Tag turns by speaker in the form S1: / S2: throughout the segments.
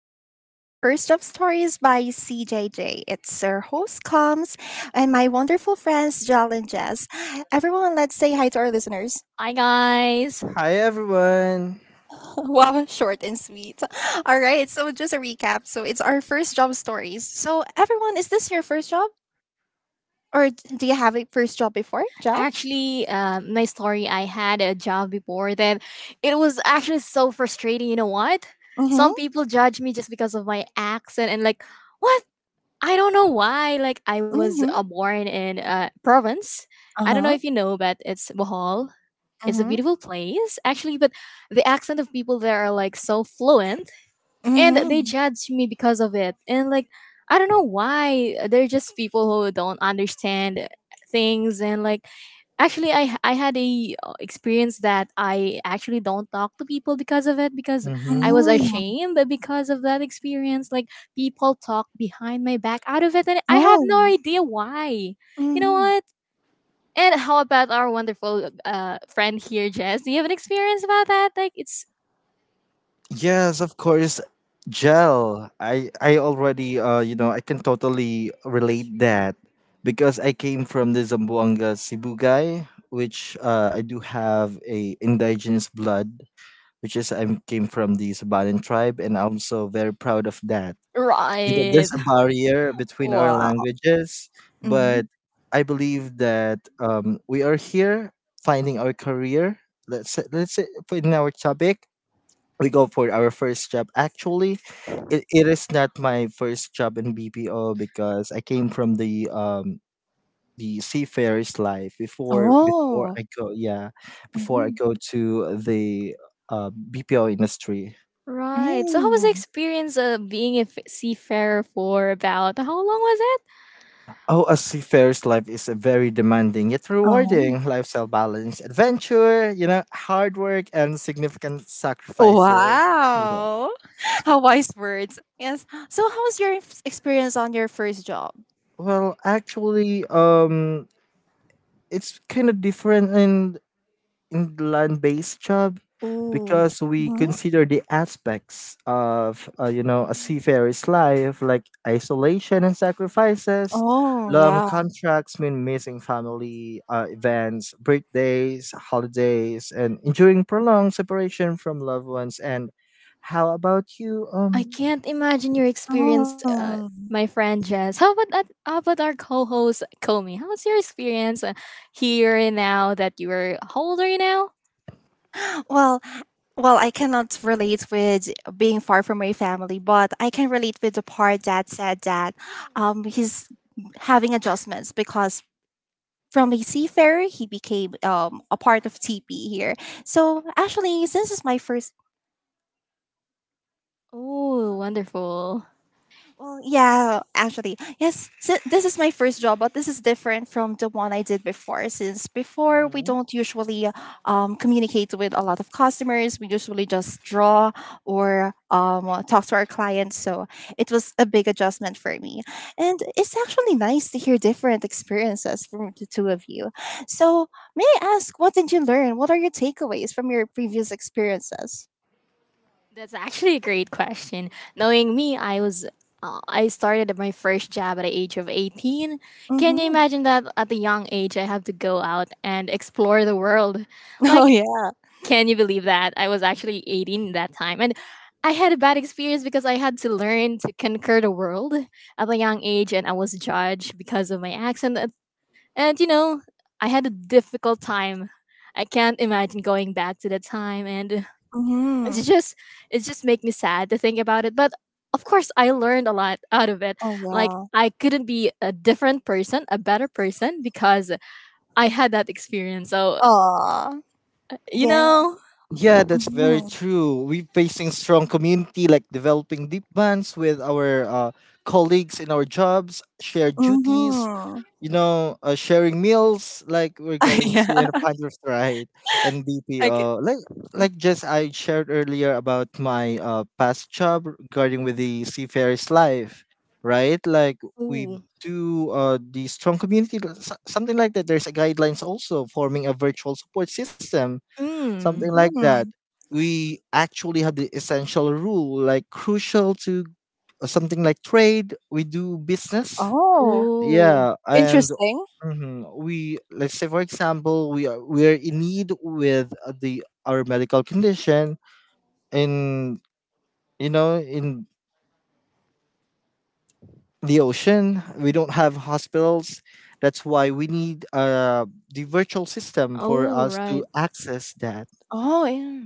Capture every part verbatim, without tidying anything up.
S1: podcast. It's First Up Stories by C J J. It's our host Combs and my wonderful friends Jal and Jess. Everyone, let's say hi to our listeners.
S2: Hi guys.
S3: Hi everyone.
S1: Wow, short and sweet. All right, so just a recap. So it's our first job stories. So everyone, is this your first job or d- do you have a first job before, Jal?
S2: Actually, uh, my story. I had a job before that. It was actually so frustrating. You know what? Some
S1: Mhm.
S2: people judge me just because of my accent and like, what? I don't know why. Like, I was uh,
S1: Mhm.
S2: born in uh, province. I don't know
S1: Uh-huh.
S2: if you know, but it's Bohol. It's a
S1: Mhm.
S2: beautiful place, actually. But the accent of people there are like so fluent and they
S1: Mhm.
S2: judge me because of it and like I don't know why. They're just people who don't understand things and like actually i i had a uh, experience that I actually don't talk to people because of it because I
S3: Mm-hmm.
S2: was
S1: Mhm.
S2: ashamed because of that experience. Like, people talk behind my back out of it and I have
S1: Oh.
S2: no idea why, you know
S1: Mhm.
S2: what. And how about our wonderful uh friend here, Jess? Do you have an experience about that? Like, it's...
S3: Yes, of course. Gel. I I already uh you know I can totally relate that because I came from the Zamboanga Cebu guy, which uh, I do have a indigenous blood, which is I came from the Sabanan tribe, and I'm so very proud of that. You know, there's
S2: Right.
S3: a barrier between our
S1: Wow.
S3: languages,
S1: Mhm.
S3: but I believe that um, we are here finding our career. Let's say, let's say for in our topic, we go for our first job. Actually, it, it is not my first job in bpo because I came from the um the seafarer's life before Before
S1: Oh.
S3: I go, yeah, before I go to the uh, bpo industry.
S2: Right. So how was the
S1: Mm.
S2: experience of being a f- seafarer? For about how long was it?
S3: Oh, a seafarer's life is a very demanding yet
S1: Oh.
S3: rewarding lifestyle balance. Adventure, you know, hard work and significant sacrifices. Yeah.
S1: Wow. How wise words. Yes. So how was your f- experience on your first job?
S3: Well, actually, um, it's kind of different in England-based job
S2: Oh,
S3: because we
S1: Mhm.
S3: consider the aspects of uh, you know, a seafarer's life, like isolation and sacrifices.
S1: Oh,
S3: Long
S1: yeah.
S3: contracts mean missing family uh, events, birthdays, holidays, and enduring prolonged separation from loved ones. And how about you
S2: I
S3: um
S2: can't imagine your experience,
S1: Oh.
S2: uh, my friend Jess. How about that? How about our co-host Komi? How was your experience uh, here and now that you were, how old are you now?
S1: Well, well, I cannot relate with being far from my family, but I can relate with the part that said that um he's having adjustments because from a seafarer he became um a part of T P here. So actually, since it's my first.
S2: Oh, wonderful.
S1: Well, yeah, actually, yes. So this is my first job, but this is different from the one I did before. Since before, we
S3: Mhm.
S1: don't usually um, communicate with a lot of customers. We usually just draw or um, uh, talk to our clients. So it was a big adjustment for me, and it's actually nice to hear different experiences from the two of you. So may I ask, what did you learn? What are your takeaways from your previous experiences?
S2: That's actually a great question. Knowing me, I was uh, I started my first job at the age of eighteen. Can you
S1: Mm-hmm.
S2: imagine that at a young age I have to go out and explore the world?
S1: Oh
S2: Like,
S1: yeah.
S2: can you believe that? I was actually eighteen that time and I had a bad experience because I had to learn to conquer the world at a young age, and I was judged because of my accent and, and you know, I had a difficult time. I can't imagine going back to that time, and
S1: Mm-hmm.
S2: it's just, it just make me sad to think about it. But of course, I learned a lot out of it.
S1: Oh
S2: Like,
S1: yeah.
S2: I couldn't be a different person, a better person, because I had that experience. So,
S1: Aw.
S2: you
S1: Yeah,
S2: know.
S3: Yeah, that's very
S1: mhm,
S3: true. We're facing strong community, like developing deep bonds with our uh, colleagues in our jobs, shared duties,
S1: mhm.
S3: you know, uh, sharing meals, like we're going
S1: Yeah,
S3: to in a Panthers ride and
S1: I can
S3: B P O. Like, like just I shared earlier about my uh, past job regarding with the seafarer's life, right? Like we
S2: Ooh.
S3: do uh, the strong community, l- so- something like that. There's a guidelines also forming a virtual support system, something
S2: Mm.
S3: like that.
S1: mhm.
S3: We actually have the essential rule, like crucial to uh, something like trade. We do business.
S1: Oh,
S2: Ooh.
S3: Yeah, and
S1: interesting.
S3: mhm, we let's say, for example, we are we are in need with uh, the our medical condition in, you know, in the ocean. We don't have hospitals. That's why we need uh the virtual system for
S2: Oh,
S3: us to
S2: right.
S3: access that.
S1: Oh, yeah.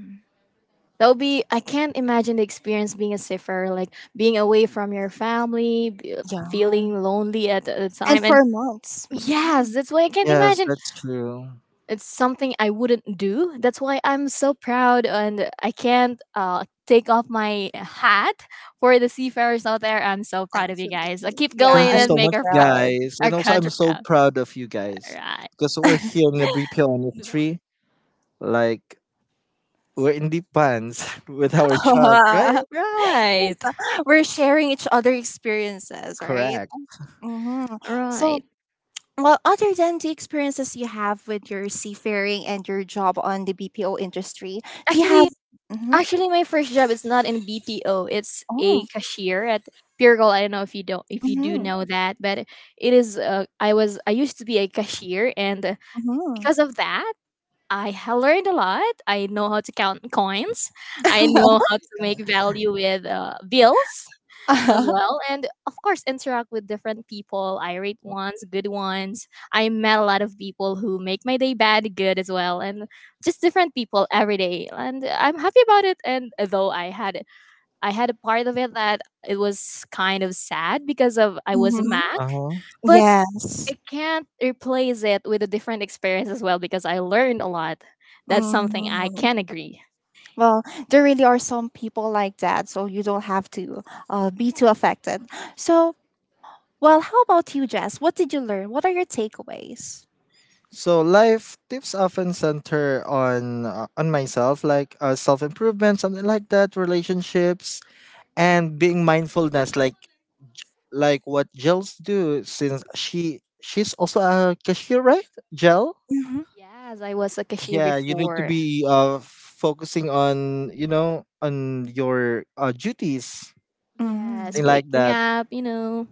S2: That'll be, I can't imagine the experience being a cipher, like being away from your family be-
S1: Yeah,
S2: feeling lonely at the
S1: and
S2: time and
S1: for months.
S2: yes,
S1: Mhm,
S2: that's why I can't
S3: Yes,
S2: imagine.
S3: that's true.
S2: It's something I wouldn't do. That's why I'm so proud, and I can't uh, take off my hat for the seafarers out there. I'm so proud of you guys. Uh,
S1: absolutely.
S2: keep
S1: Yeah,
S3: Thank
S2: going
S3: you
S1: I'm
S2: and
S3: so
S1: really
S2: make
S3: much,
S2: our fr-
S1: proud.
S3: guys.
S2: our
S3: And also, I'm
S2: country
S3: so
S2: proud.
S3: proud of you
S2: All
S3: guys
S2: right.
S3: because we're here in the B P O
S2: No?
S3: industry. Like, we're in the pants with our jobs, right?
S1: Yes,
S2: Right.
S1: uh, we're sharing each other experiences, right?
S3: Correct.
S1: Mhm. So,
S2: Right.
S1: well, other than the experiences you have with your seafaring and your job on the B P O industry, do you have
S2: Actually,
S1: mhm.
S2: Actually, my first job is not in B P O. It's a
S1: Oh,
S2: cashier at Pure Gold. I don't know if you don't if you do
S1: mhm,
S2: know that, but it is. Uh, I was I used to be a cashier, and uh,
S1: mhm.
S2: because of that, I ha- learned a lot. I know how to count coins. I know how to make value with uh, bills as well. And of course, interact with different people, irate ones, good ones. I met a lot of people who make my day bad, good as well, and just different people every day. And I'm happy about it. And though I had I had a part of it that it was kind of sad because of I was a
S1: Mhm.
S2: Mac,
S3: Uh huh.
S2: but
S1: Yes.
S2: I can't replace it with a different experience as well because I learned a lot. That's something I
S1: Mhm.
S2: can agree.
S1: Well, there really are some people like that, so you don't have to uh, be too affected. So, well, how about you, Jess? What did you learn? What are your takeaways?
S3: So, life tips often center on uh, on myself, like uh, self improvement, something like that, relationships, and being mindfulness, like J- like what Jels do, since she she's also a cashier, right? Jel.
S1: Mm-hmm.
S2: Yes, I was a cashier
S3: Yeah, you need to
S2: before.
S3: be uh focusing on, you know, on your uh, duties,
S1: Mm-hmm.
S2: Yes,
S3: thing like
S2: waking
S3: that.
S2: up, you know.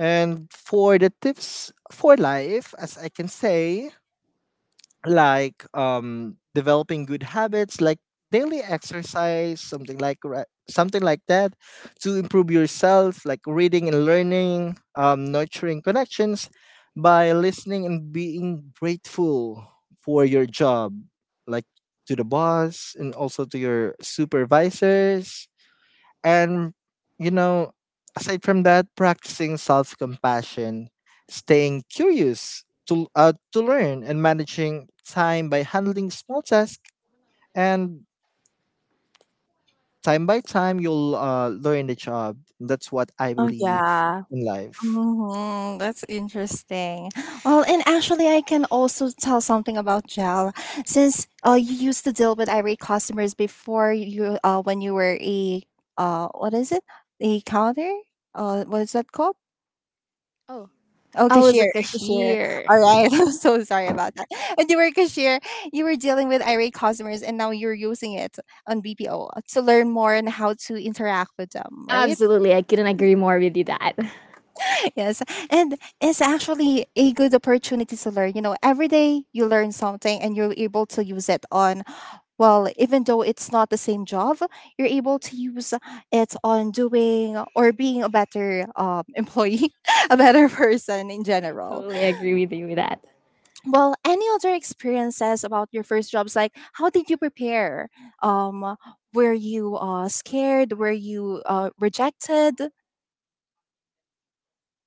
S3: And for the tips for life, as I can say, like um developing good habits, like daily exercise, something like ra- something like that, to improve yourself, like reading and learning, um, nurturing connections by listening and being grateful for your job, like to the boss and also to your supervisors, and, you know, aside from that, practicing self compassion, staying curious to, uh, to learn, and managing time by handling small tasks. And time by time, you'll uh, learn the job. That's what I
S1: Oh,
S3: believe
S1: yeah.
S3: in life.
S1: Hmm, that's interesting. Well, and actually, I can also tell something about Gel. Since uh, you used to deal with irate customers before you, uh, when you were a, uh, what is it? A counter? Uh, what is that called? Oh,
S2: I was
S1: cashier,
S2: a
S1: cashier.
S2: cashier.
S1: All right, I'm so sorry about that. When you were a cashier, you were dealing with irate customers, and now you're using it on B P O to learn more on how to interact with them, right?
S2: Absolutely, I couldn't agree more with you that.
S1: Yes, and it's actually a good opportunity to learn. You know, every day you learn something, and you're able to use it on. Well, even though it's not the same job, you're able to use it on doing or being a better um, employee, a better person in general.
S2: Totally agree with you with that.
S1: Well, any other experiences about your first jobs? Like how did you prepare, um were you uh scared, were you uh rejected?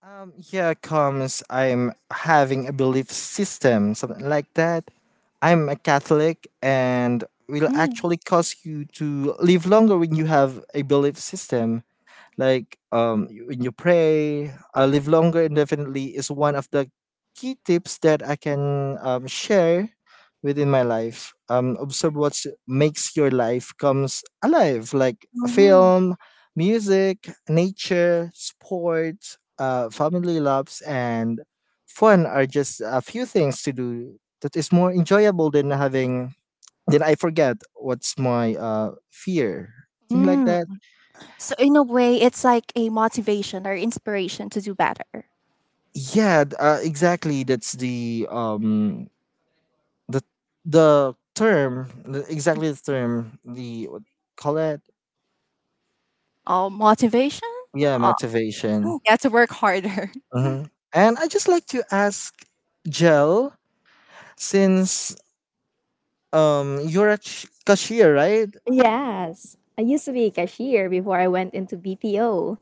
S3: Um, here comes I'm having a belief system, something like that. I'm a Catholic and will
S1: Mm-hmm.
S3: actually cause you to live longer when you have a belief system. Like um, y- when you pray, uh, live longer indefinitely is one of the key tips that I can um, share within my life. Um, observe what makes your life comes alive, like film, music, nature, sports, uh, family loves, and fun are just a few things to do that is more enjoyable than having. Then I forget what's my uh fear. Thing like
S1: Mm.
S3: that.
S1: So in a way it's like a motivation or inspiration to do better.
S3: Yeah, th- uh, exactly. That's the um the the term the- exactly the term the, what call it,
S1: Oh, motivation.
S3: yeah,
S1: uh,
S3: motivation.
S1: yeah, to work harder.
S3: Hmm. And I just like to ask Jel, since um you're a ch- cashier, right?
S2: Yes, I used to be a cashier before I went into B P O.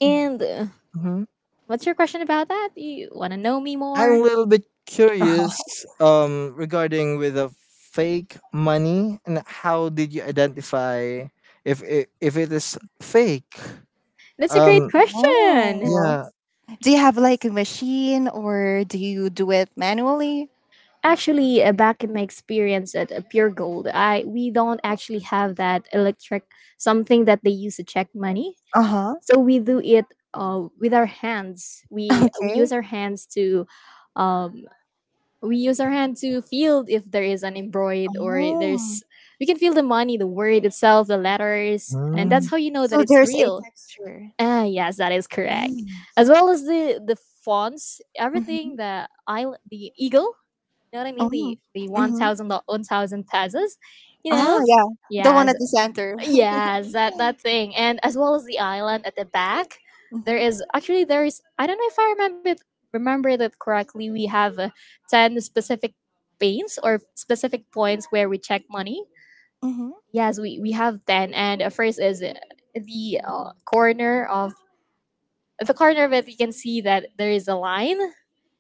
S2: And uh,
S3: Hmm.
S2: what's your question about that? You want to know me
S3: I'm a
S2: more?
S3: little bit curious um regarding with the fake money and how did you identify if it, if it is fake?
S2: That's a great
S3: Um,
S2: question.
S1: Oh,
S3: yeah.
S1: do you have like a machine or do you do it manually?
S2: Actually, uh, back in my experience at uh, Pure Gold, I we don't actually have that electric something that they use to check money.
S1: Uh-huh.
S2: So we do it uh, with our hands. We we
S1: Okay.
S2: use our hands to um, we use our hand to feel if there is an embroid or
S1: Oh.
S2: there's, we can feel the money, the word itself, the letters, and
S1: Mm.
S2: that's
S3: Mm.
S2: how you know that
S1: So
S2: it's
S1: there's a
S2: real.
S1: texture.
S2: Ah, yes, that is correct, as well as the the fonts,
S1: Mm-hmm.
S2: everything, the island, the eagle, you know what I mean?
S1: Oh.
S2: The the one
S1: Mm-hmm.
S2: thousand one thousand pesos. You
S1: Ah,
S2: know?
S1: yeah. The one
S2: Yes,
S1: at the center.
S2: yes, that that thing, and as well as the island at the back. There
S1: Mm-hmm.
S2: is actually there is. I don't know if I remember it, remember it correctly. We have uh, ten specific panes or specific points where we check money.
S1: Mm-hmm.
S2: Yes, we, we have ten. And uh, first is uh, the uh, corner of the corner of it, you can see that there is a line.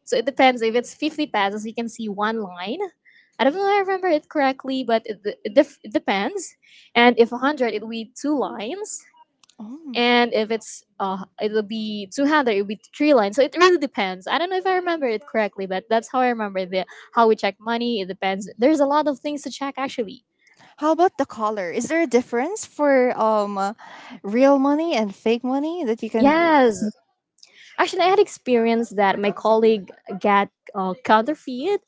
S2: So it depends. If it's fifty pesos, you can see one line. I don't know if I remember it correctly, but it, it, def- it depends. And if one hundred, it will be two lines.
S1: Oh.
S2: And if it's, uh, it'll be two hundred, it'll be three lines. So it really depends. I don't know if I remember it correctly, but that's how I remember the how we check money. It depends. There's a lot of things to check, actually.
S1: How about the color? Is there a difference for um uh, real money and fake money that you can r-
S2: Yes.
S1: s-
S2: Actually, I had experience that my colleague got uh, counterfeit.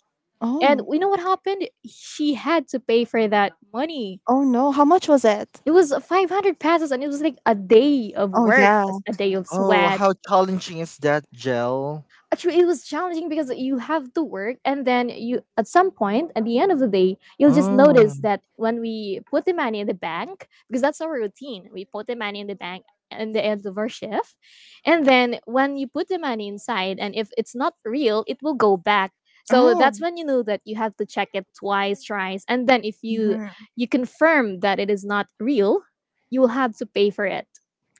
S2: And
S1: Oh.
S2: you know what happened? She had to pay for that money.
S1: Oh no. How much was it?
S2: It was five hundred passes, and it was like a day of
S1: Oh
S2: work,
S1: yeah.
S2: a day of
S3: Oh,
S2: sweat.
S3: how challenging is that, gel?
S2: Actually, it was challenging because you have to work and then you, at some point at the end of the day, you'll just
S3: Oh.
S2: notice that when we put the money in the bank, because that's our routine. We put the money in the bank at the end of our shift. And then when you put the money inside, and if it's not real, it will go back. So
S1: Oh.
S2: that's when you know that you have to check it twice, thrice, and then if you
S1: Mm-hmm.
S2: you confirm that it is not real, you will have to pay for it.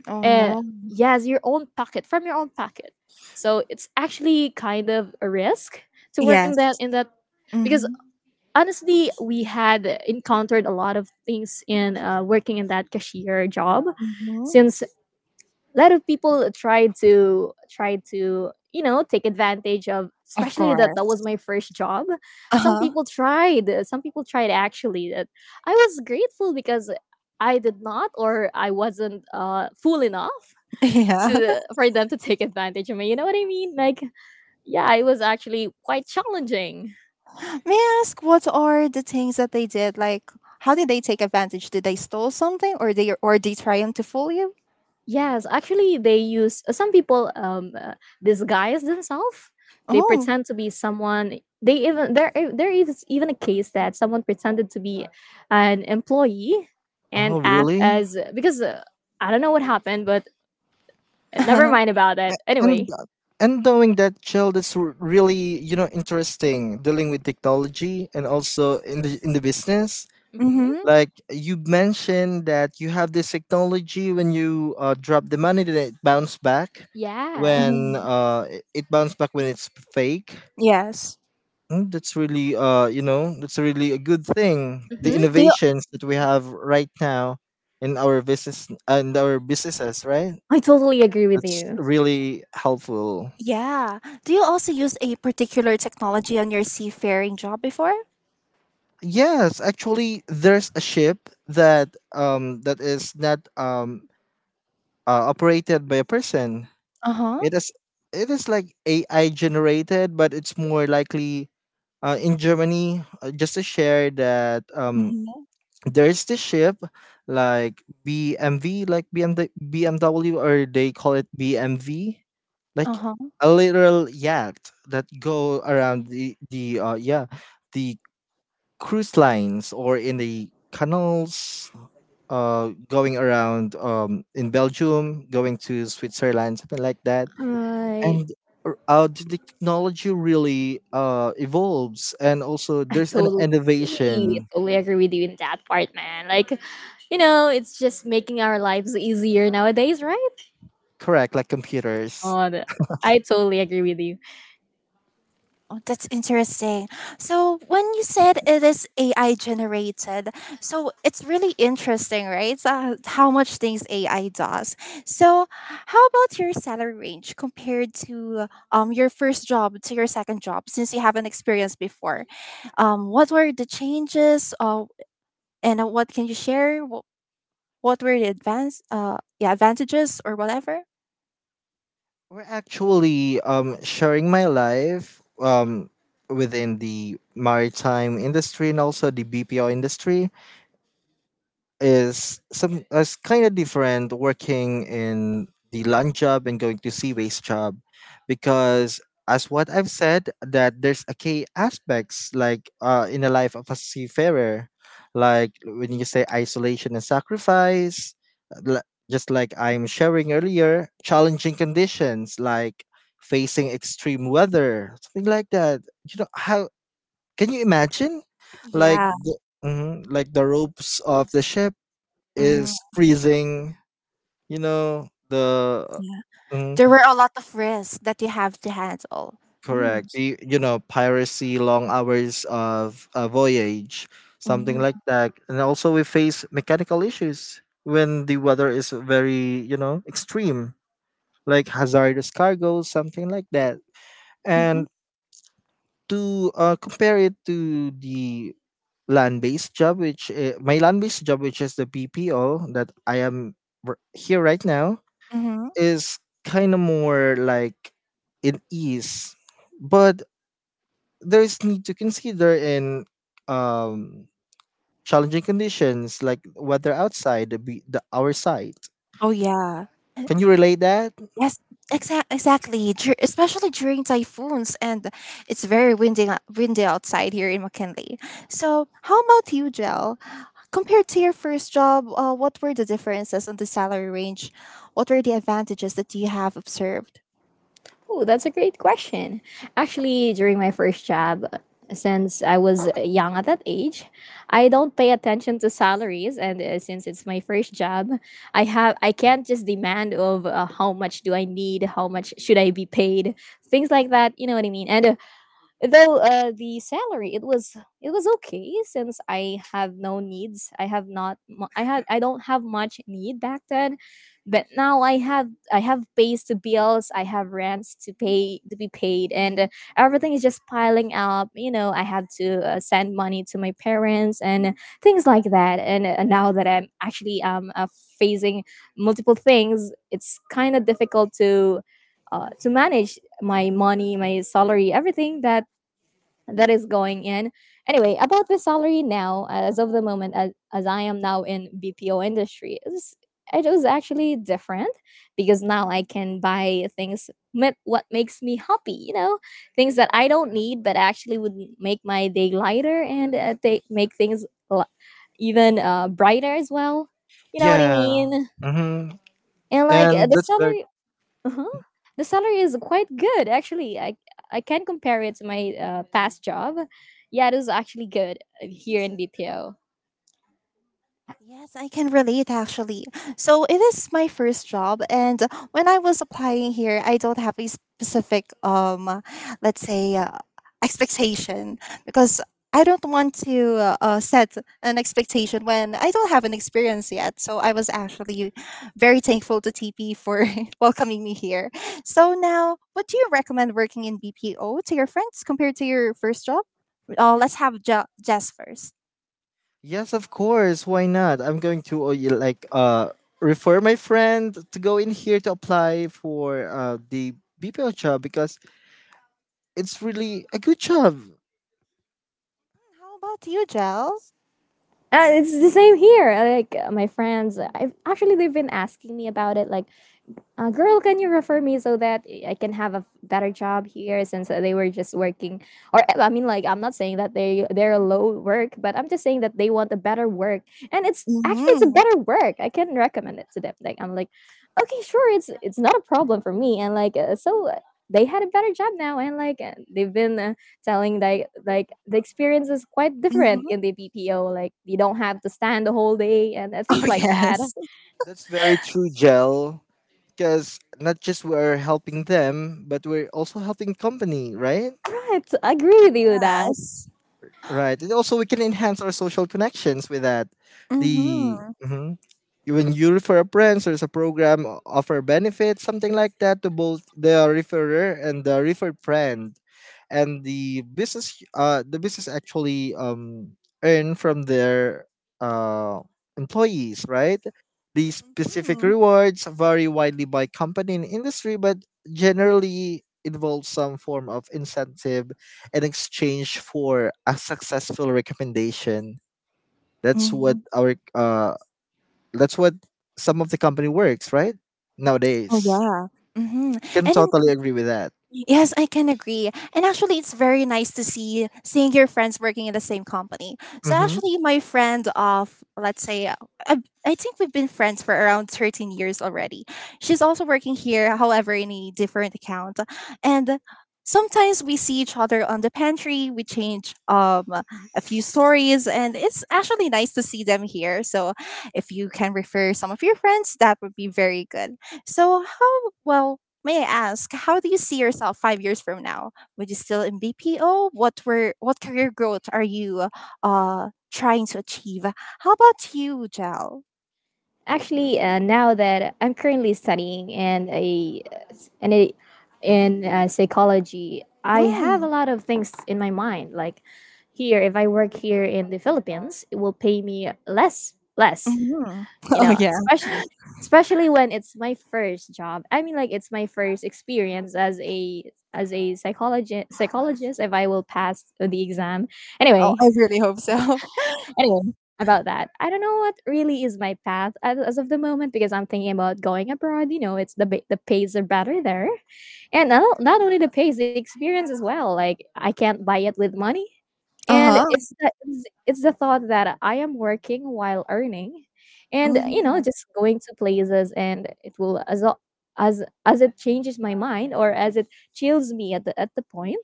S1: Oh
S2: uh,
S1: no.
S2: yes, your own pocket from your own pocket. So it's actually kind of a risk to work in that.
S1: Yes.
S2: Yes. In that, because
S1: Mm-hmm.
S2: honestly, we had encountered a lot of things in uh, working in that cashier job,
S1: Mm-hmm.
S2: since a lot of people tried to try to, you know, take advantage of,
S1: Of
S2: especially that that was
S1: course.
S2: my first job. Some
S1: Uh-huh.
S2: people tried some people tried actually that. I was grateful because I did not, or I wasn't uh, fool enough
S1: Yeah.
S2: to, for them to take advantage of me. You know what I mean? Like, yeah, it was actually quite challenging.
S1: May I ask what are the things that they did? Like how did they take advantage? Did they stole something or they or they trying to fool you?
S2: Yes, actually, they use some people um uh, disguise themselves. They
S1: Oh.
S2: pretend to be someone. They even there i- there is even a case that someone pretended to be an employee and
S3: Oh,
S1: Mm.
S2: act
S3: really?
S2: as because uh, I don't know what happened, but eh, never
S1: Uh-huh.
S2: mind about
S3: A-
S2: it.
S3: And
S2: Anyway,
S3: uh, and knowing that, gel, that's r- really, you know, interesting dealing with technology and also in the in the business.
S2: hmm,
S1: Mm-hmm.
S3: Like you mentioned that you have this technology when you uh, drop the money, then it bounce back.
S2: yeah,
S3: When
S1: Mm-hmm.
S3: uh, it it bounce back when it's fake,
S1: Yes.
S3: mm, that's really, uh you know, that's really a good thing. The
S2: hmm,
S1: Do you,
S3: innovations that we have right now in our business and our businesses, right?
S2: I totally agree with
S3: That's
S2: you.
S3: really helpful.
S1: yeah. Do you also use a particular technology on your seafaring job before?
S3: Yes, actually, there's a ship that um that is not um uh, operated by a person.
S1: Uh-huh.
S3: It is it is like A I generated, but it's more likely uh, in Germany. Uh, just to share that um
S1: Mm-hmm.
S3: there's this ship like B M V, like B M W, or they call it B M V, like
S1: Uh-huh.
S3: a literal yacht that go around the the uh, yeah, the cruise lines or in the canals, uh, going around, um, in Belgium going to Switzerland, something like that.
S2: Right.
S3: And r- uh, the technology really uh evolves, and also
S2: I
S3: there's an
S2: totally agree. I
S3: innovation.
S2: totally agree with you in that part, man. Like, you know, it's just making our lives easier nowadays, right?
S3: Correct, like computers.
S2: Oh, that, I totally agree with you.
S1: Oh, that's interesting. So, when you said it is A I generated, so it's really interesting, right? Uh, how much things A I does. So, how about your salary range compared to um your first job to your second job since you haven't experienced before? Um, what were the changes? Uh, and uh, what can you share? What, what were the advance uh yeah, advantages or whatever?
S3: We're actually, um, sharing my life, um, within the maritime industry and also the B P O industry. Is some is kind of different working in the land job and going to sea waste job because, as what I've said, that there's a key aspects, like uh, in the life of a seafarer, like when you say isolation and sacrifice. l- just like I'm sharing earlier, challenging conditions like facing extreme weather, something like that. You know how, can you imagine like
S1: Yeah.
S3: the, mhm, like the ropes of the ship
S1: Mm,
S3: is freezing, you know, the
S1: yeah.
S3: mhm,
S1: There were a lot of risks that you have to handle. Hmm.
S3: correct. The, you know, piracy, long hours of a voyage, something like
S1: Mhm,
S3: that. And also we face mechanical issues when the weather is very, you know, extreme, like hazardous cargo, something like that.
S1: mhm,
S3: And to uh, compare it to the land-based job, which uh, my land-based job, which is the B P O that I am r- here right now,
S1: mhm.
S3: is kind of more like in ease, but there is need to consider in um, challenging conditions like weather outside the, be- the our side.
S1: Oh, yeah. Uh,
S3: Can you relate that?
S1: yes, exa exactly. Dur Especially during typhoons, and it's very windy, windy outside here in McKinley. So, how about you, Jel? Compared to your first job, uh, what were the differences on the salary range? What were the advantages that you have observed?
S2: Oh, that's a great question. Actually, during my first job, uh, since I was uh, young at that age, I don't pay attention to salaries, and uh, since it's my first job, I have I can't just demand of uh, how much do I need, how much should I be paid, things like that. You know what I mean? And uh, though uh, the salary, it was it was okay, since I have no needs. I have not mu- I had I don't have much need back then, but now i have I have pays to bills, I have rents to pay to be paid. And uh, everything is just piling up, you know. I have to uh, send money to my parents and things like that. And uh, now that I'm actually um uh, facing multiple things, it's kind of difficult to uh, to manage my money, my salary, everything that that is going in. Anyway, about the salary now, as of the moment, as, as I am now in B P O industry, it was, it was actually different, because now I can buy things with what makes me happy, you know, things that I don't need, but actually would make my day lighter, and uh, they make things li- even uh, brighter as well. You know what I... Yeah.
S3: Yeah.
S2: mean?
S3: Mm-hmm.
S2: And like, yeah, uh,
S3: And
S2: the
S3: that's like
S2: salary, uh-huh. The salary is quite good, actually. I I can compare it to my uh, past job. Yeah, it is actually good uh, here in B P O.
S1: Yes, I can relate actually. So it is my first job, and when I was applying here, I don't have a specific, um, let's say, uh, expectation because I don't want to uh, uh, set an expectation when I don't have an experience yet. So I was actually very thankful to T P for welcoming me here. So now, what do you recommend working in B P O to your friends compared to your first job? Uh, let's have Je- Jess first.
S3: yes, of course. Why not? I'm going to uh, y- like uh refer my friend to go in here to apply for uh the B P O job because it's really a good job.
S1: Hmm, how about you, Jel?
S2: Uh, it's the same here. Like uh, my friends, I've actually they've been asking me about it. Like, uh, girl, can you refer me so that I can have a f- better job here, since uh, they were just working? Or uh, I mean, like I'm not saying that they they're low work, but I'm just saying that they want a better work, and it's actually it's a
S1: Mhm.
S2: better work. I can recommend it to them. Like I'm like, okay, sure, it's it's not a problem for me, and like uh, so uh, they had a better job now, and like uh, they've been uh, telling like like the experience is quite
S1: Mhm.
S2: different in the B P O. Like you don't have to stand the whole day and uh,
S1: Oh,
S2: things like that. Yes.
S1: yes.
S3: That's very true, Gel. Because not just we're helping them, but we're also helping company, right?
S2: Right, I agree with you with that.
S1: Yes.
S3: Right. And also, we can enhance our social connections with that. The
S1: Mhm.
S3: mhm. When you refer friends, there's a program o- offer benefits, something like that, to both the referrer and the referred friend. And the business, uh, the business actually um earn from their uh employees, right? These specific
S1: Mhm.
S3: rewards vary widely by company and industry, but generally involve some form of incentive in exchange for a successful recommendation. That's what
S1: Mhm.
S3: our uh that's what some of the company works, right?
S1: Oh,
S3: Nowadays.
S1: yeah. Mhm.
S3: Can
S1: And then
S3: totally agree with that.
S1: yes, I can agree. And actually, it's very nice to see seeing your friends working in the same company. So
S3: Mm-hmm.
S1: actually, my friend of let's say, uh, I, I think we've been friends for around thirteen years already. She's also working here, however, in a different account, and sometimes we see each other on the pantry. We change um a few stories, and it's actually nice to see them here. So if you can refer some of your friends, that would be very good. So how, well, may I ask, how do you see yourself five years from now? Would you still in B P O? What were what career growth are you uh trying to achieve? How about you, Jel?
S2: Actually, uh, now that I'm currently studying and a and a in uh, psychology, I have a
S1: Mm,
S2: lot of things in my mind. Like here, if I work here in the Philippines, it will pay me less, less.
S1: mhm.
S2: You
S1: Oh
S2: know,
S1: yeah.
S2: especially especially when it's my first job. I mean, like it's my first experience as a as a psychologist. Psychologist, if I will pass the exam.
S1: Oh,
S2: Anyway,
S1: I really hope so.
S2: Anyway, about that, I don't know what really is my path as, as of the moment because I'm thinking about going abroad. You know, it's the ba- the pays are better there, and not, not only the pays, the experience as well. Like I can't buy it with money, and
S1: Uh
S2: Mm-hmm.
S1: huh.
S2: it's the, it's it's the thought that I am working while earning, and you know,
S1: Hmm.
S2: just going to places, and it will as al- as as it changes my mind or as it chills me at the at the point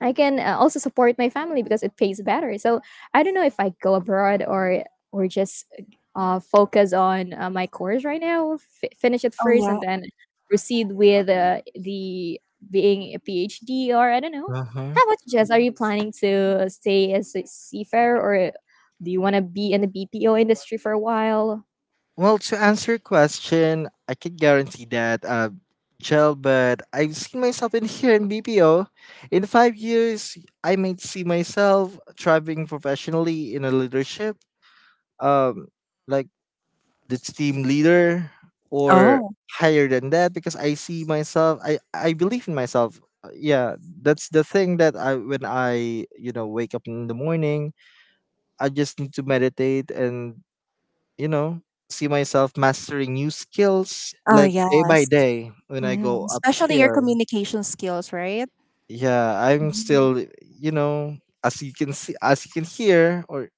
S2: I can uh, also support my family because it pays better. So I don't know if I go abroad or or just uh, focus on uh, my course right now, f- finish it
S1: Oh
S2: first,
S1: yeah.
S2: and then proceed with uh, the being a PhD or I don't know.
S3: Uh huh.
S2: How about you, Jess? Are you planning to stay as a seafarer or do you want to be in the B P O industry for a while?
S3: Well, to answer your question, I can guarantee that uh Gel, but I've seen myself in here in B P O. In five years, I might see myself thriving professionally in a leadership, um, like the team leader or
S1: Oh.
S3: higher than that because I see myself I I believe in myself. Uh, Yeah, that's the thing that I when I, you know, wake up in the morning, I just need to meditate and, you know, see myself mastering new skills
S1: Oh
S3: like day by
S1: yes.
S3: day when I go
S1: Mhm.
S3: up
S1: Especially your
S3: here.
S1: communication skills, right?
S3: Yeah, I'm
S1: Mhm.
S3: still, you know, as you can see, as you can hear, or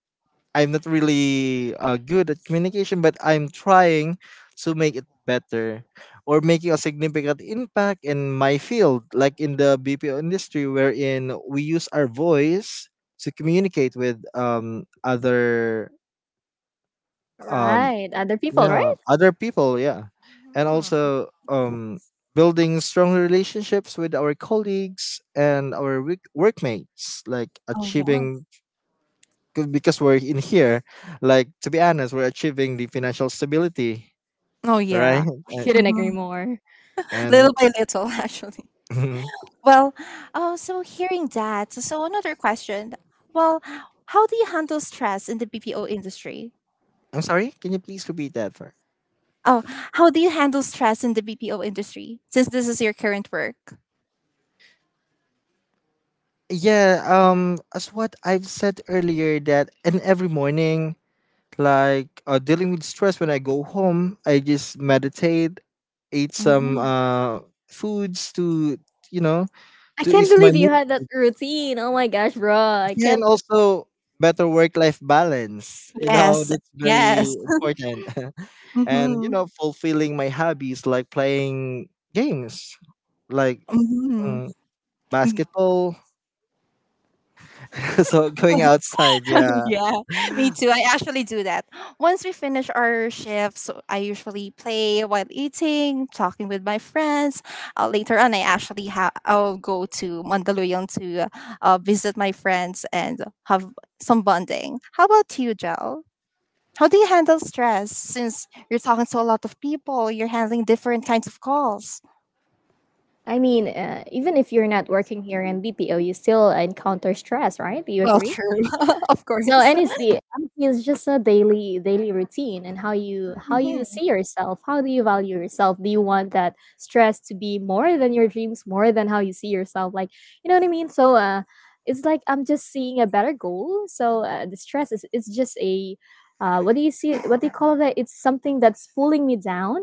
S3: I'm not really uh, good at communication, but I'm trying to make it better or making a significant impact in my field, like in the B P O industry, wherein we use our voice to communicate with um, other um,
S2: Right, other people,
S3: yeah,
S2: right?
S3: other people, yeah, and
S1: Mhm.
S3: also um, building strong relationships with our colleagues and our work- workmates, like
S1: Oh yeah.
S3: achieving c- because we're in here, like, to be honest, we're achieving the financial stability,
S1: Oh yeah.
S3: right?
S2: I
S3: and,
S2: couldn't agree
S1: Mhm.
S2: more.
S3: and
S1: Little by little, actually.
S3: mhm.
S1: Well, oh, so hearing that, so another question. Well, how do you handle stress in the B P O industry?
S3: I'm sorry, can you please repeat that for,
S1: Oh, how do you handle stress in the B P O industry since this is your current work?
S3: yeah, um as what I've said earlier, that and every morning, like uh, dealing with stress when I go home, I just meditate, eat some
S1: Mhm.
S3: uh foods to, you know,
S2: I
S3: to
S2: can't
S3: ease my
S2: believe
S3: mood.
S2: you had that routine. Oh my gosh, bro. I
S3: Yeah, and
S2: can't
S3: also better work-life balance. You know,
S1: Yes,
S3: that's very
S1: yes.
S3: important. And you
S1: Mm-hmm.
S3: know, fulfilling my hobbies like playing games, like
S1: Mm-hmm.
S3: mm, basketball. So going outside, yeah.
S1: Yeah, me too. I actually do that. Once we finish our shifts, I usually play while eating, talking with my friends. Uh, later on, I actually ha- I'll go to Mandaluyong to uh, visit my friends and have some bonding. How about you, Jel? How do you handle stress since you're talking to a lot of people? You're handling different kinds of calls.
S2: I mean, uh, even if you're not working here in B P O, you still encounter stress, right? Do you
S1: Well,
S2: agree?
S1: true, of
S2: So,
S1: course.
S2: and it's the I mean, it's just a daily daily routine and how you how
S1: Hmm.
S2: you see yourself. How do you value yourself? Do you want that stress to be more than your dreams, more than how you see yourself? Like, you know what I mean? So, uh, it's like I'm just seeing a better goal. So uh, the stress is it's just a uh, what do you see? What do you call that? It's something that's pulling me down,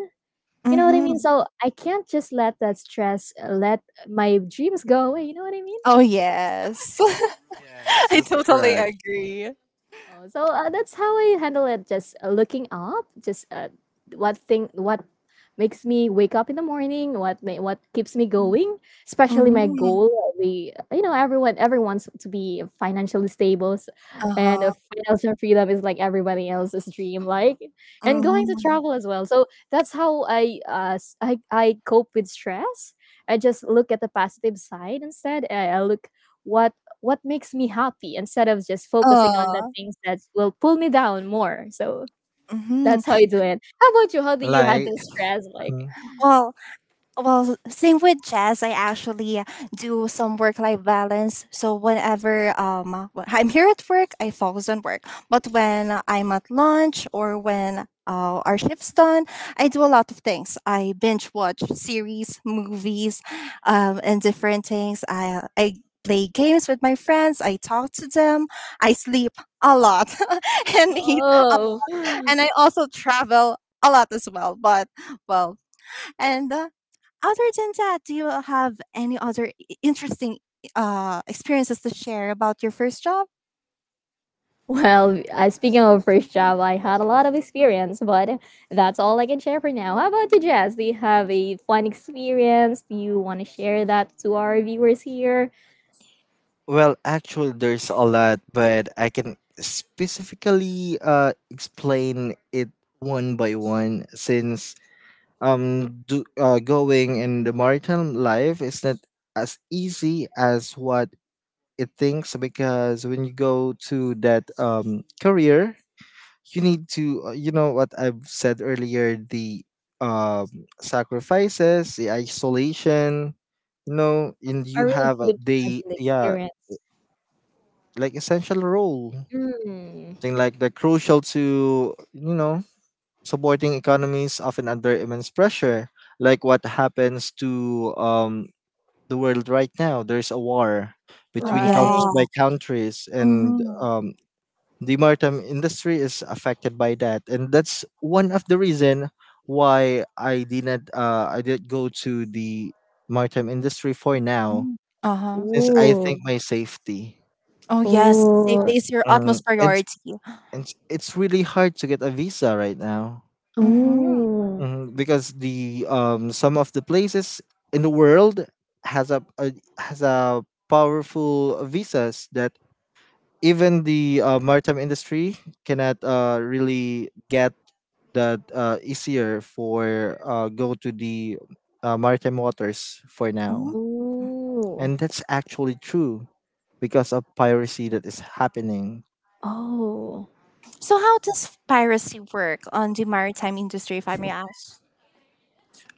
S2: you know what I
S1: Hmm.
S2: mean? So I can't just let that stress uh, let my dreams go away. You know what I mean?
S1: Oh yes,
S3: Yes,
S1: I
S3: that's
S1: totally
S3: correct.
S1: agree.
S2: Oh, so uh, that's how I handle it. Just uh, looking up, just uh, what thing, what makes me wake up in the morning, what may, what keeps me going. Especially my
S1: Mhm.
S2: goal, uh, We, you know everyone everyone's to be financially stable, s- and uh,
S1: Uh-huh.
S2: financial freedom is like everybody else's dream, like and going to
S1: Mhm.
S2: travel as well. So that's how I uh s- I I cope with stress. I just look at the positive side instead. I, I look what what makes me happy instead of just focusing on the
S1: Oh.
S2: things that will pull me down more. So
S1: Mhm.
S2: that's how I do it. How about you? How do you
S3: Like,
S2: handle stress? Like,
S3: mhm.
S1: Well, well, same with jazz. I actually do some work-life balance. So whenever um wh- I'm here at work, I focus on work. But when I'm at lunch or when uh, our shift's done, I do a lot of things. I binge watch series, movies, um, and different things. I I play games with my friends. I talk to them. I sleep a lot, and
S2: oh.
S1: and I also travel a lot as well. But well, and uh, other than that, do you have any other i- interesting uh experiences to share about your first job?
S2: Well, I, speaking of first job, I had a lot of experience, but that's all I can share for now. How about you, Jazz? Do you have a fun experience? Do you want to share that to our viewers here?
S3: Well, actually, there's a lot, but I can specifically uh explain it one by one since um do uh, going in the maritime life is not as easy as what it thinks, because when you go to that um career, you need to uh, you know, what I've said earlier, the um sacrifices, the isolation, you know, and
S2: I
S3: you
S2: really
S3: have a
S2: couldn't
S3: the
S2: imagine the
S3: yeah,
S2: experience.
S3: like essential role,
S2: Mm,
S3: thing like the crucial to, you know, supporting economies often under immense pressure, like what happens to um the world right now. There's a war
S1: Oh
S3: between countries
S2: Right.
S3: by
S1: yeah.
S3: countries, and
S1: Mm-hmm.
S3: um, the maritime industry is affected by that, and that's one of the reason why I didn't uh, I didn't go to the maritime industry for now,
S1: Uh huh.
S3: since I
S2: Yes.
S3: think my safety.
S1: Oh
S2: Right. Absolutely.
S1: yes, safety
S2: Ooh.
S1: is
S2: Yes.
S1: your
S3: Um,
S1: utmost
S3: and
S1: priority.
S3: and it's really hard to get a visa right now
S1: Mm-hmm.
S2: Ooh.
S3: hmm because the um some of the places in the world has a, a has a powerful visas that even the uh, maritime industry cannot uh, really get that uh, easier for uh, go to the uh, maritime waters for
S1: Uh-huh.
S3: now,
S2: Ooh. Ooh.
S3: and that's actually true because of piracy that is happening.
S2: Oh.
S1: So how does piracy work on the maritime industry, if I may ask?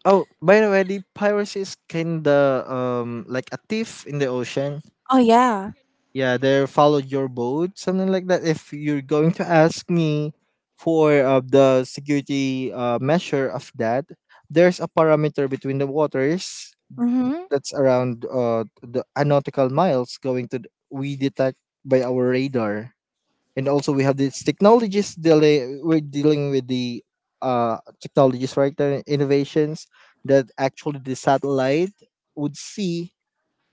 S3: Oh, by the way, the piracy is kind of um, like a thief in the ocean.
S1: Oh yeah.
S3: Yeah, they follow your boat, something like that. If you're going to ask me for uh, the security uh, measure of that, there's a parameter between the waters
S1: Mm-hmm.
S3: that's around uh, the a nautical miles going to th- we detect by our radar, and also we have these technologies delay. We're dealing with the uh, technologies, right? The innovations that actually the satellite would see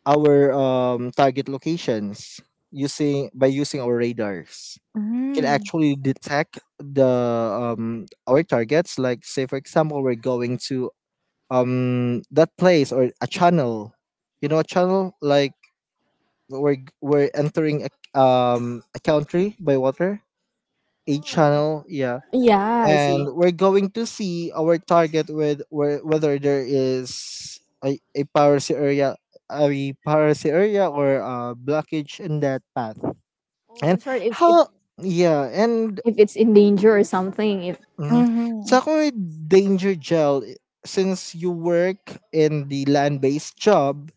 S3: our um, target locations using by using our radars. We can
S1: Mm-hmm.
S3: actually detect the um, our targets. Like, say for example, we're going to um, that place or a channel. You know, a channel like we're we're entering a, um, a country by water. A
S2: Oh.
S3: channel, yeah,
S2: Yeah, I see.
S3: and we're going to see our target with whe- whether there is a, a piracy area, a piracy area or a blockage in that path,
S2: Oh, in
S3: and
S2: short, if if,
S3: how. Yeah. And
S2: if it's in danger or something, if
S3: mhm.
S1: Mm-hmm.
S3: So ako with danger gel i- since you work in the land-based job,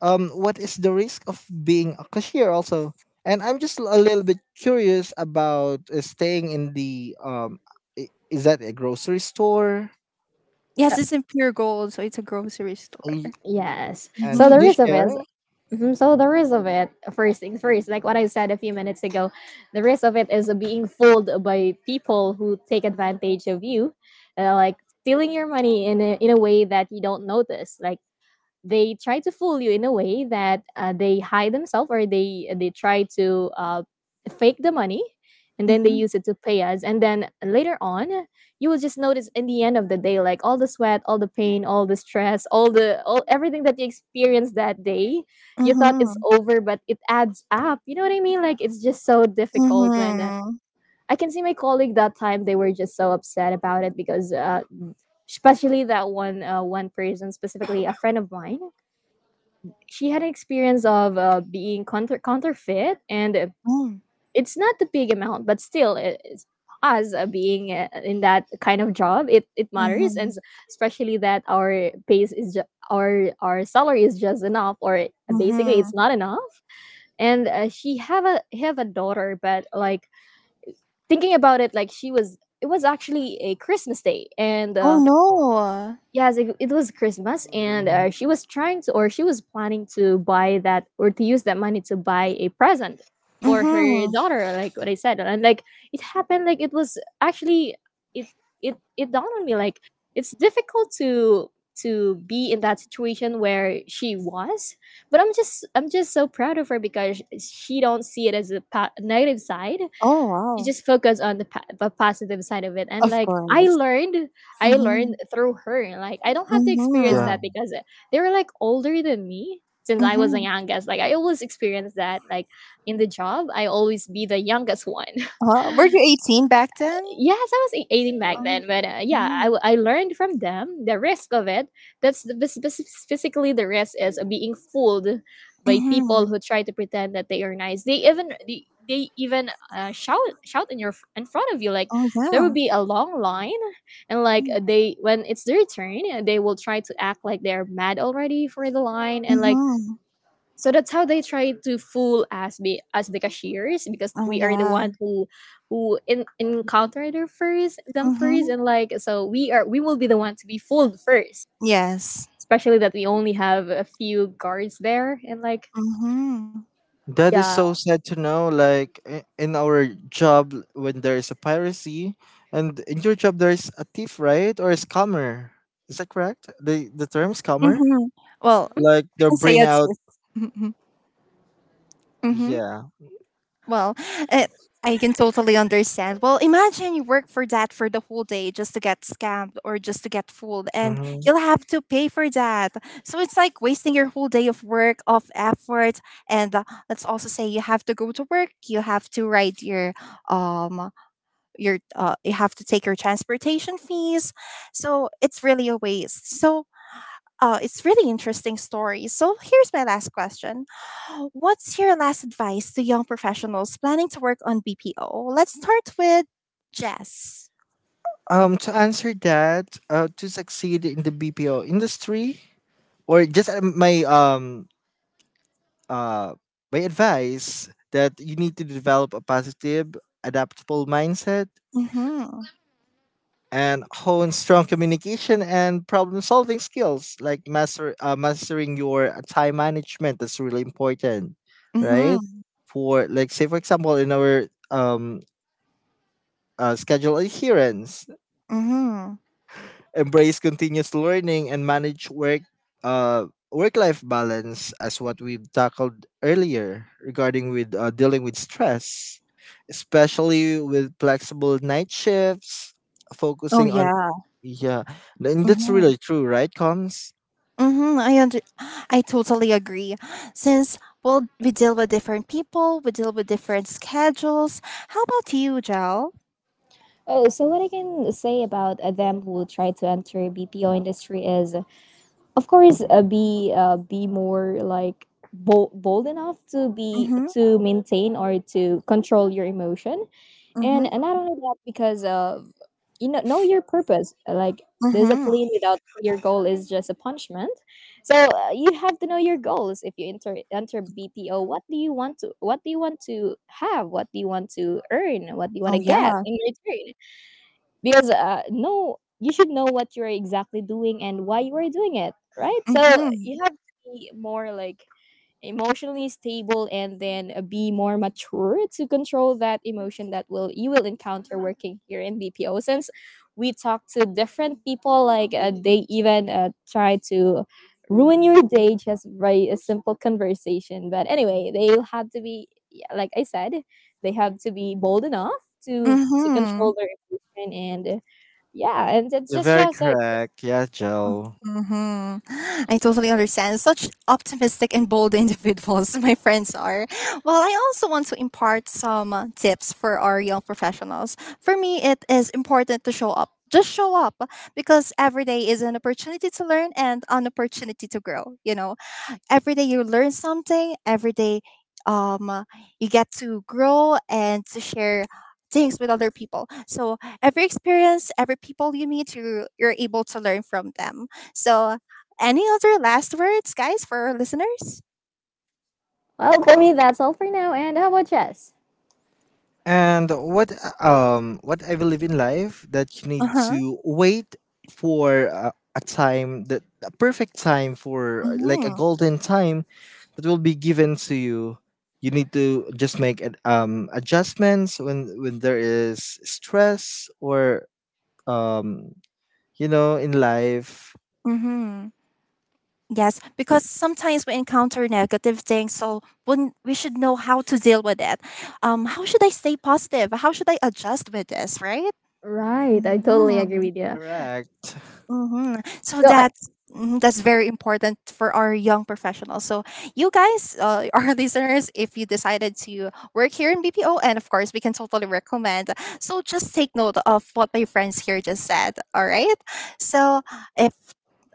S3: um what is the risk of being a cashier also? And I'm just a little bit curious about uh, staying in the um i- is that a grocery store?
S1: Yes,
S2: uh,
S1: it's in pure gold, so it's a grocery store.
S2: yes.
S3: And
S2: So
S3: can
S2: the
S1: Mm-hmm.
S3: you
S2: risk of
S3: share?
S2: it. Mhm, so the risk of it. First things first, like what I said a few minutes ago, the risk of it is being fooled by people who take advantage of you, uh, like stealing your money in a, in a way that you don't notice, like they try to fool you in a way that uh, they hide themselves or they they try to uh, fake the money and then they use it to pay us, and then later on you will just notice in the end of the day, like all the sweat, all the pain, all the stress, all the, all everything that you experienced that day, you thought it's
S1: Mhm.
S2: over, but it adds up. You know what I mean? Like it's just so difficult when uh,
S1: Mhm.
S2: I can see my colleague that time. They were just so upset about it because uh, especially that one uh, one person, specifically a friend of mine, she had an experience of uh, being counter- counterfeit, and uh,
S1: Mm.
S2: it's not the big amount, but still it, it's us uh, being uh, in that kind of job, it, it matters. And
S1: Mhm.
S2: s- especially that our base is ju- our our salary is just enough or basically
S1: Mhm.
S2: it's not enough, and uh, she have a have a daughter, but like thinking about it, like she was, it was actually a Christmas day, and
S1: Oh,
S2: uh,
S1: no.
S2: yes, it, it was Christmas, and uh,
S3: Really?
S2: she was trying to, or she was planning to buy that, or to use that money to buy a present for her
S1: Mhm.
S2: daughter, like what I said. And like it happened, like it was actually, it it it dawned on me, like it's difficult to to be in that situation where she was, but I'm just I'm just so proud of her because she don't see it as a pa- negative side.
S1: Oh,
S2: You
S1: wow.
S2: just focus on the, pa- the positive side of it, and
S1: Of
S2: like I
S1: course.
S2: learned, I learned
S1: Mhm.
S2: through her, like I don't have to experience
S1: Mhm.
S2: that
S3: Yeah.
S2: because they were like older than me, since I was the
S1: Mhm.
S2: youngest, like I always experience that, like in the job I always be the youngest one.
S1: Wow. Were you eighteen back then?
S2: Yes, I was ei- eighteen back
S1: Oh.
S2: then, but uh, yeah, I,
S1: Mhm.
S2: w- I learned from them the risk of it. That's the, bas- bas- basically the risk is of being fooled by
S1: Mhm.
S2: people who try to pretend that they are nice. They even they, they even uh, shout, shout in your f- in front of you, like
S1: Oh,
S2: there will
S1: yeah.
S2: be a long line, and like
S1: Mm.
S2: they, when it's their turn, uh, they will try to act like they're mad already for the line, and like
S1: Mhm.
S2: so that's how they try to fool us be as the cashiers, because
S1: Oh,
S2: we are the
S1: yeah.
S2: one who who in, encounter their first, them first,
S1: Mhm.
S2: and like so we are we will be the one to be fooled first.
S1: Yes.
S2: Especially that we only have a few guards there, and like
S1: Mhm.
S3: That is
S2: yeah.
S3: so sad to know. Like, i- in our job, when there is a piracy, and in your job there is a thief, right, or a scammer. Is that correct? The the term scammer,
S1: Mhm. Well,
S3: like
S1: we
S3: they
S1: can say
S3: bring
S1: it's
S3: out.
S1: mhm. Mhm.
S3: Yeah.
S1: Well, uh, I can totally understand. Well, imagine you work for that for the whole day just to get scammed or just to get fooled, and
S3: Hmm.
S1: you'll have to pay for that. So it's like wasting your whole day of work, of effort. And uh, let's also say you have to go to work, you have to write your, um, your, uh, you have to take your transportation fees. So it's really a waste. So oh, it's really interesting story. So here's my last question. What's your last advice to young professionals planning to work on B P O? Let's start with Jess.
S3: Um, to answer that, uh, to succeed in the B P O industry, or just uh, my um uh, my advice that you need to develop a positive, adaptable mindset
S1: Mm-hmm.
S3: and hone strong communication and problem solving skills. Like master uh, mastering your uh, time management, that's really important, right?
S1: Mm-hmm.
S3: For, like, say for example, in our um uh, schedule adherence,
S1: Mm-hmm.
S3: embrace continuous learning and manage work uh work life balance, as what we've tackled earlier regarding with uh, dealing with stress, especially with flexible night shifts,
S1: Oh
S3: focusing on.
S1: yeah.
S3: Yeah, and that's
S1: Mm-hmm.
S3: really true, right, comes.
S1: Mm-hmm. I under- I totally agree. Since well, we deal with different people, we deal with different schedules. How about you, Jel?
S2: Oh, so what I can say about uh, them who try to enter B P O industry is, of course, uh, be uh, be more like bold, bold enough to be
S1: Mm-hmm.
S2: to maintain or to control your emotion, and
S1: Mm-hmm.
S2: uh, not only that, because of you know, know your purpose like
S1: Mm-hmm.
S2: discipline without your goal is just a punishment. So uh, you have to know your goals. If you enter enter BPO, what do you want to, what do you want to have, what do you want to earn, what do you want
S1: Oh
S2: to get
S1: yeah.
S2: in return? Because uh, no, you should know what you're exactly doing and why you are doing it, right? So
S1: Mm-hmm.
S2: you have to be more like emotionally stable, and then uh, be more mature to control that emotion that will you will encounter working here in B P O, since we talk to different people, like uh, they even uh, try to ruin your day just by a simple conversation, but anyway they'll have to be, yeah, like I said, they have to be bold enough to to
S1: Mm-hmm.
S2: control their emotion and uh, yeah. And it's
S3: You're
S2: just
S3: very
S2: just uh,
S3: correct, yeah, Joe.
S1: Hmm, I totally understand. Such optimistic and bold individuals my friends are. Well, I also want to impart some uh, tips for our young professionals. For me, it is important to show up. Just show up because every day is an opportunity to learn and an opportunity to grow. You know, every day you learn something, every day um you get to grow and to share things with other people. So every experience, every people you meet, you you're able to learn from them. So any other last words, guys, for our listeners?
S2: well, for me, that's all for now. And how about Jess?
S3: And what um what I believe in life, that you need
S1: Uh-huh.
S3: to wait for a, a time, that a perfect time for uh, like a
S1: Mm-hmm.
S3: golden time, that will be given to you. You need to just make ad- um adjustments when when there is stress or um you know, in life.
S1: Mm-hmm. Yes, because sometimes we encounter negative things, so when we should know how to deal with it. Um, how should I stay positive? How should I adjust with this, right?
S2: Right, I totally agree
S1: Mhm.
S2: with you.
S3: Correct.
S1: Mm-hmm. So
S2: So I,
S1: that's mhm, that's very important for our young professionals. So you guys, uh, our listeners, if you decided to work here in B P O, and of course we can totally recommend. So just take note of what my friends here just said. All right. So if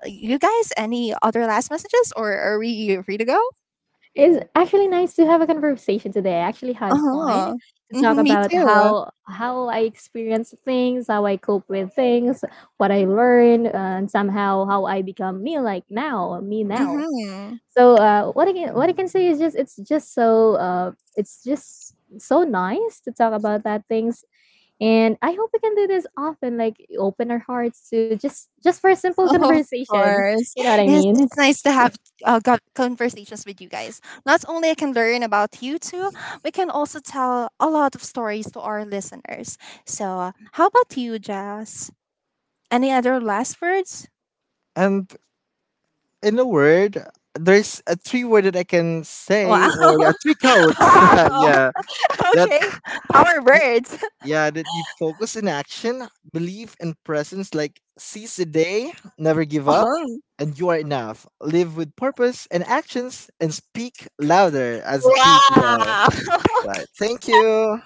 S1: you guys any other last messages, or are we free to go?
S2: it's actually nice to have a conversation today. I actually
S1: Uh
S2: had, oh,
S1: huh.
S2: fun to talk
S1: Mm-hmm, me
S2: about
S1: too.
S2: how how I experience things, how I cope with things, what I learned, and somehow how I become me like now, me now.
S1: Mm-hmm.
S2: So uh, what I can what I can say is just it's just so uh, it's just so nice to talk about that things, and I hope we can do this often, like open our hearts to just just for a simple, oh,
S1: Of
S2: conversation,
S1: course.
S2: you know what I
S1: Yes,
S2: mean.
S1: it's nice to have
S3: That-
S1: uh, got conversations with you guys. Not only I can learn about you two, we can also tell a lot of stories to our listeners. So, uh, how about you, Jazz? Any other last words?
S3: And in a word, there's a three word that I can
S1: Wow.
S3: say, or a three codes.
S1: Wow.
S3: Yeah, that
S1: Okay. Power words.
S3: Yeah, that you focus in action, belief and presence, like seize the day, never give up,
S1: Oh.
S3: and you are enough. Live with purpose, and actions and speak louder as a P P O.
S1: Wow.
S3: Right. Thank you.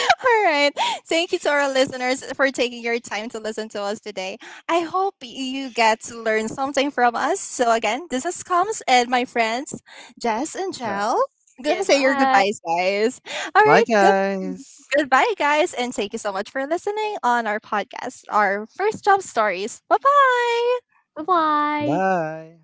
S1: All right. Thank you to our listeners for taking your time to listen to us today. I hope you get to learn something from us. So, again, this is Coms and my friends, Jess and
S3: Good job.
S1: Jel. Go say your goodbyes, guys. All
S3: Bye
S1: right. Good.
S3: guys.
S1: Goodbye, guys. And thank you so much for listening on our podcast, our first job stories. Bye bye.
S2: Goodbye, bye. Bye.
S3: Bye.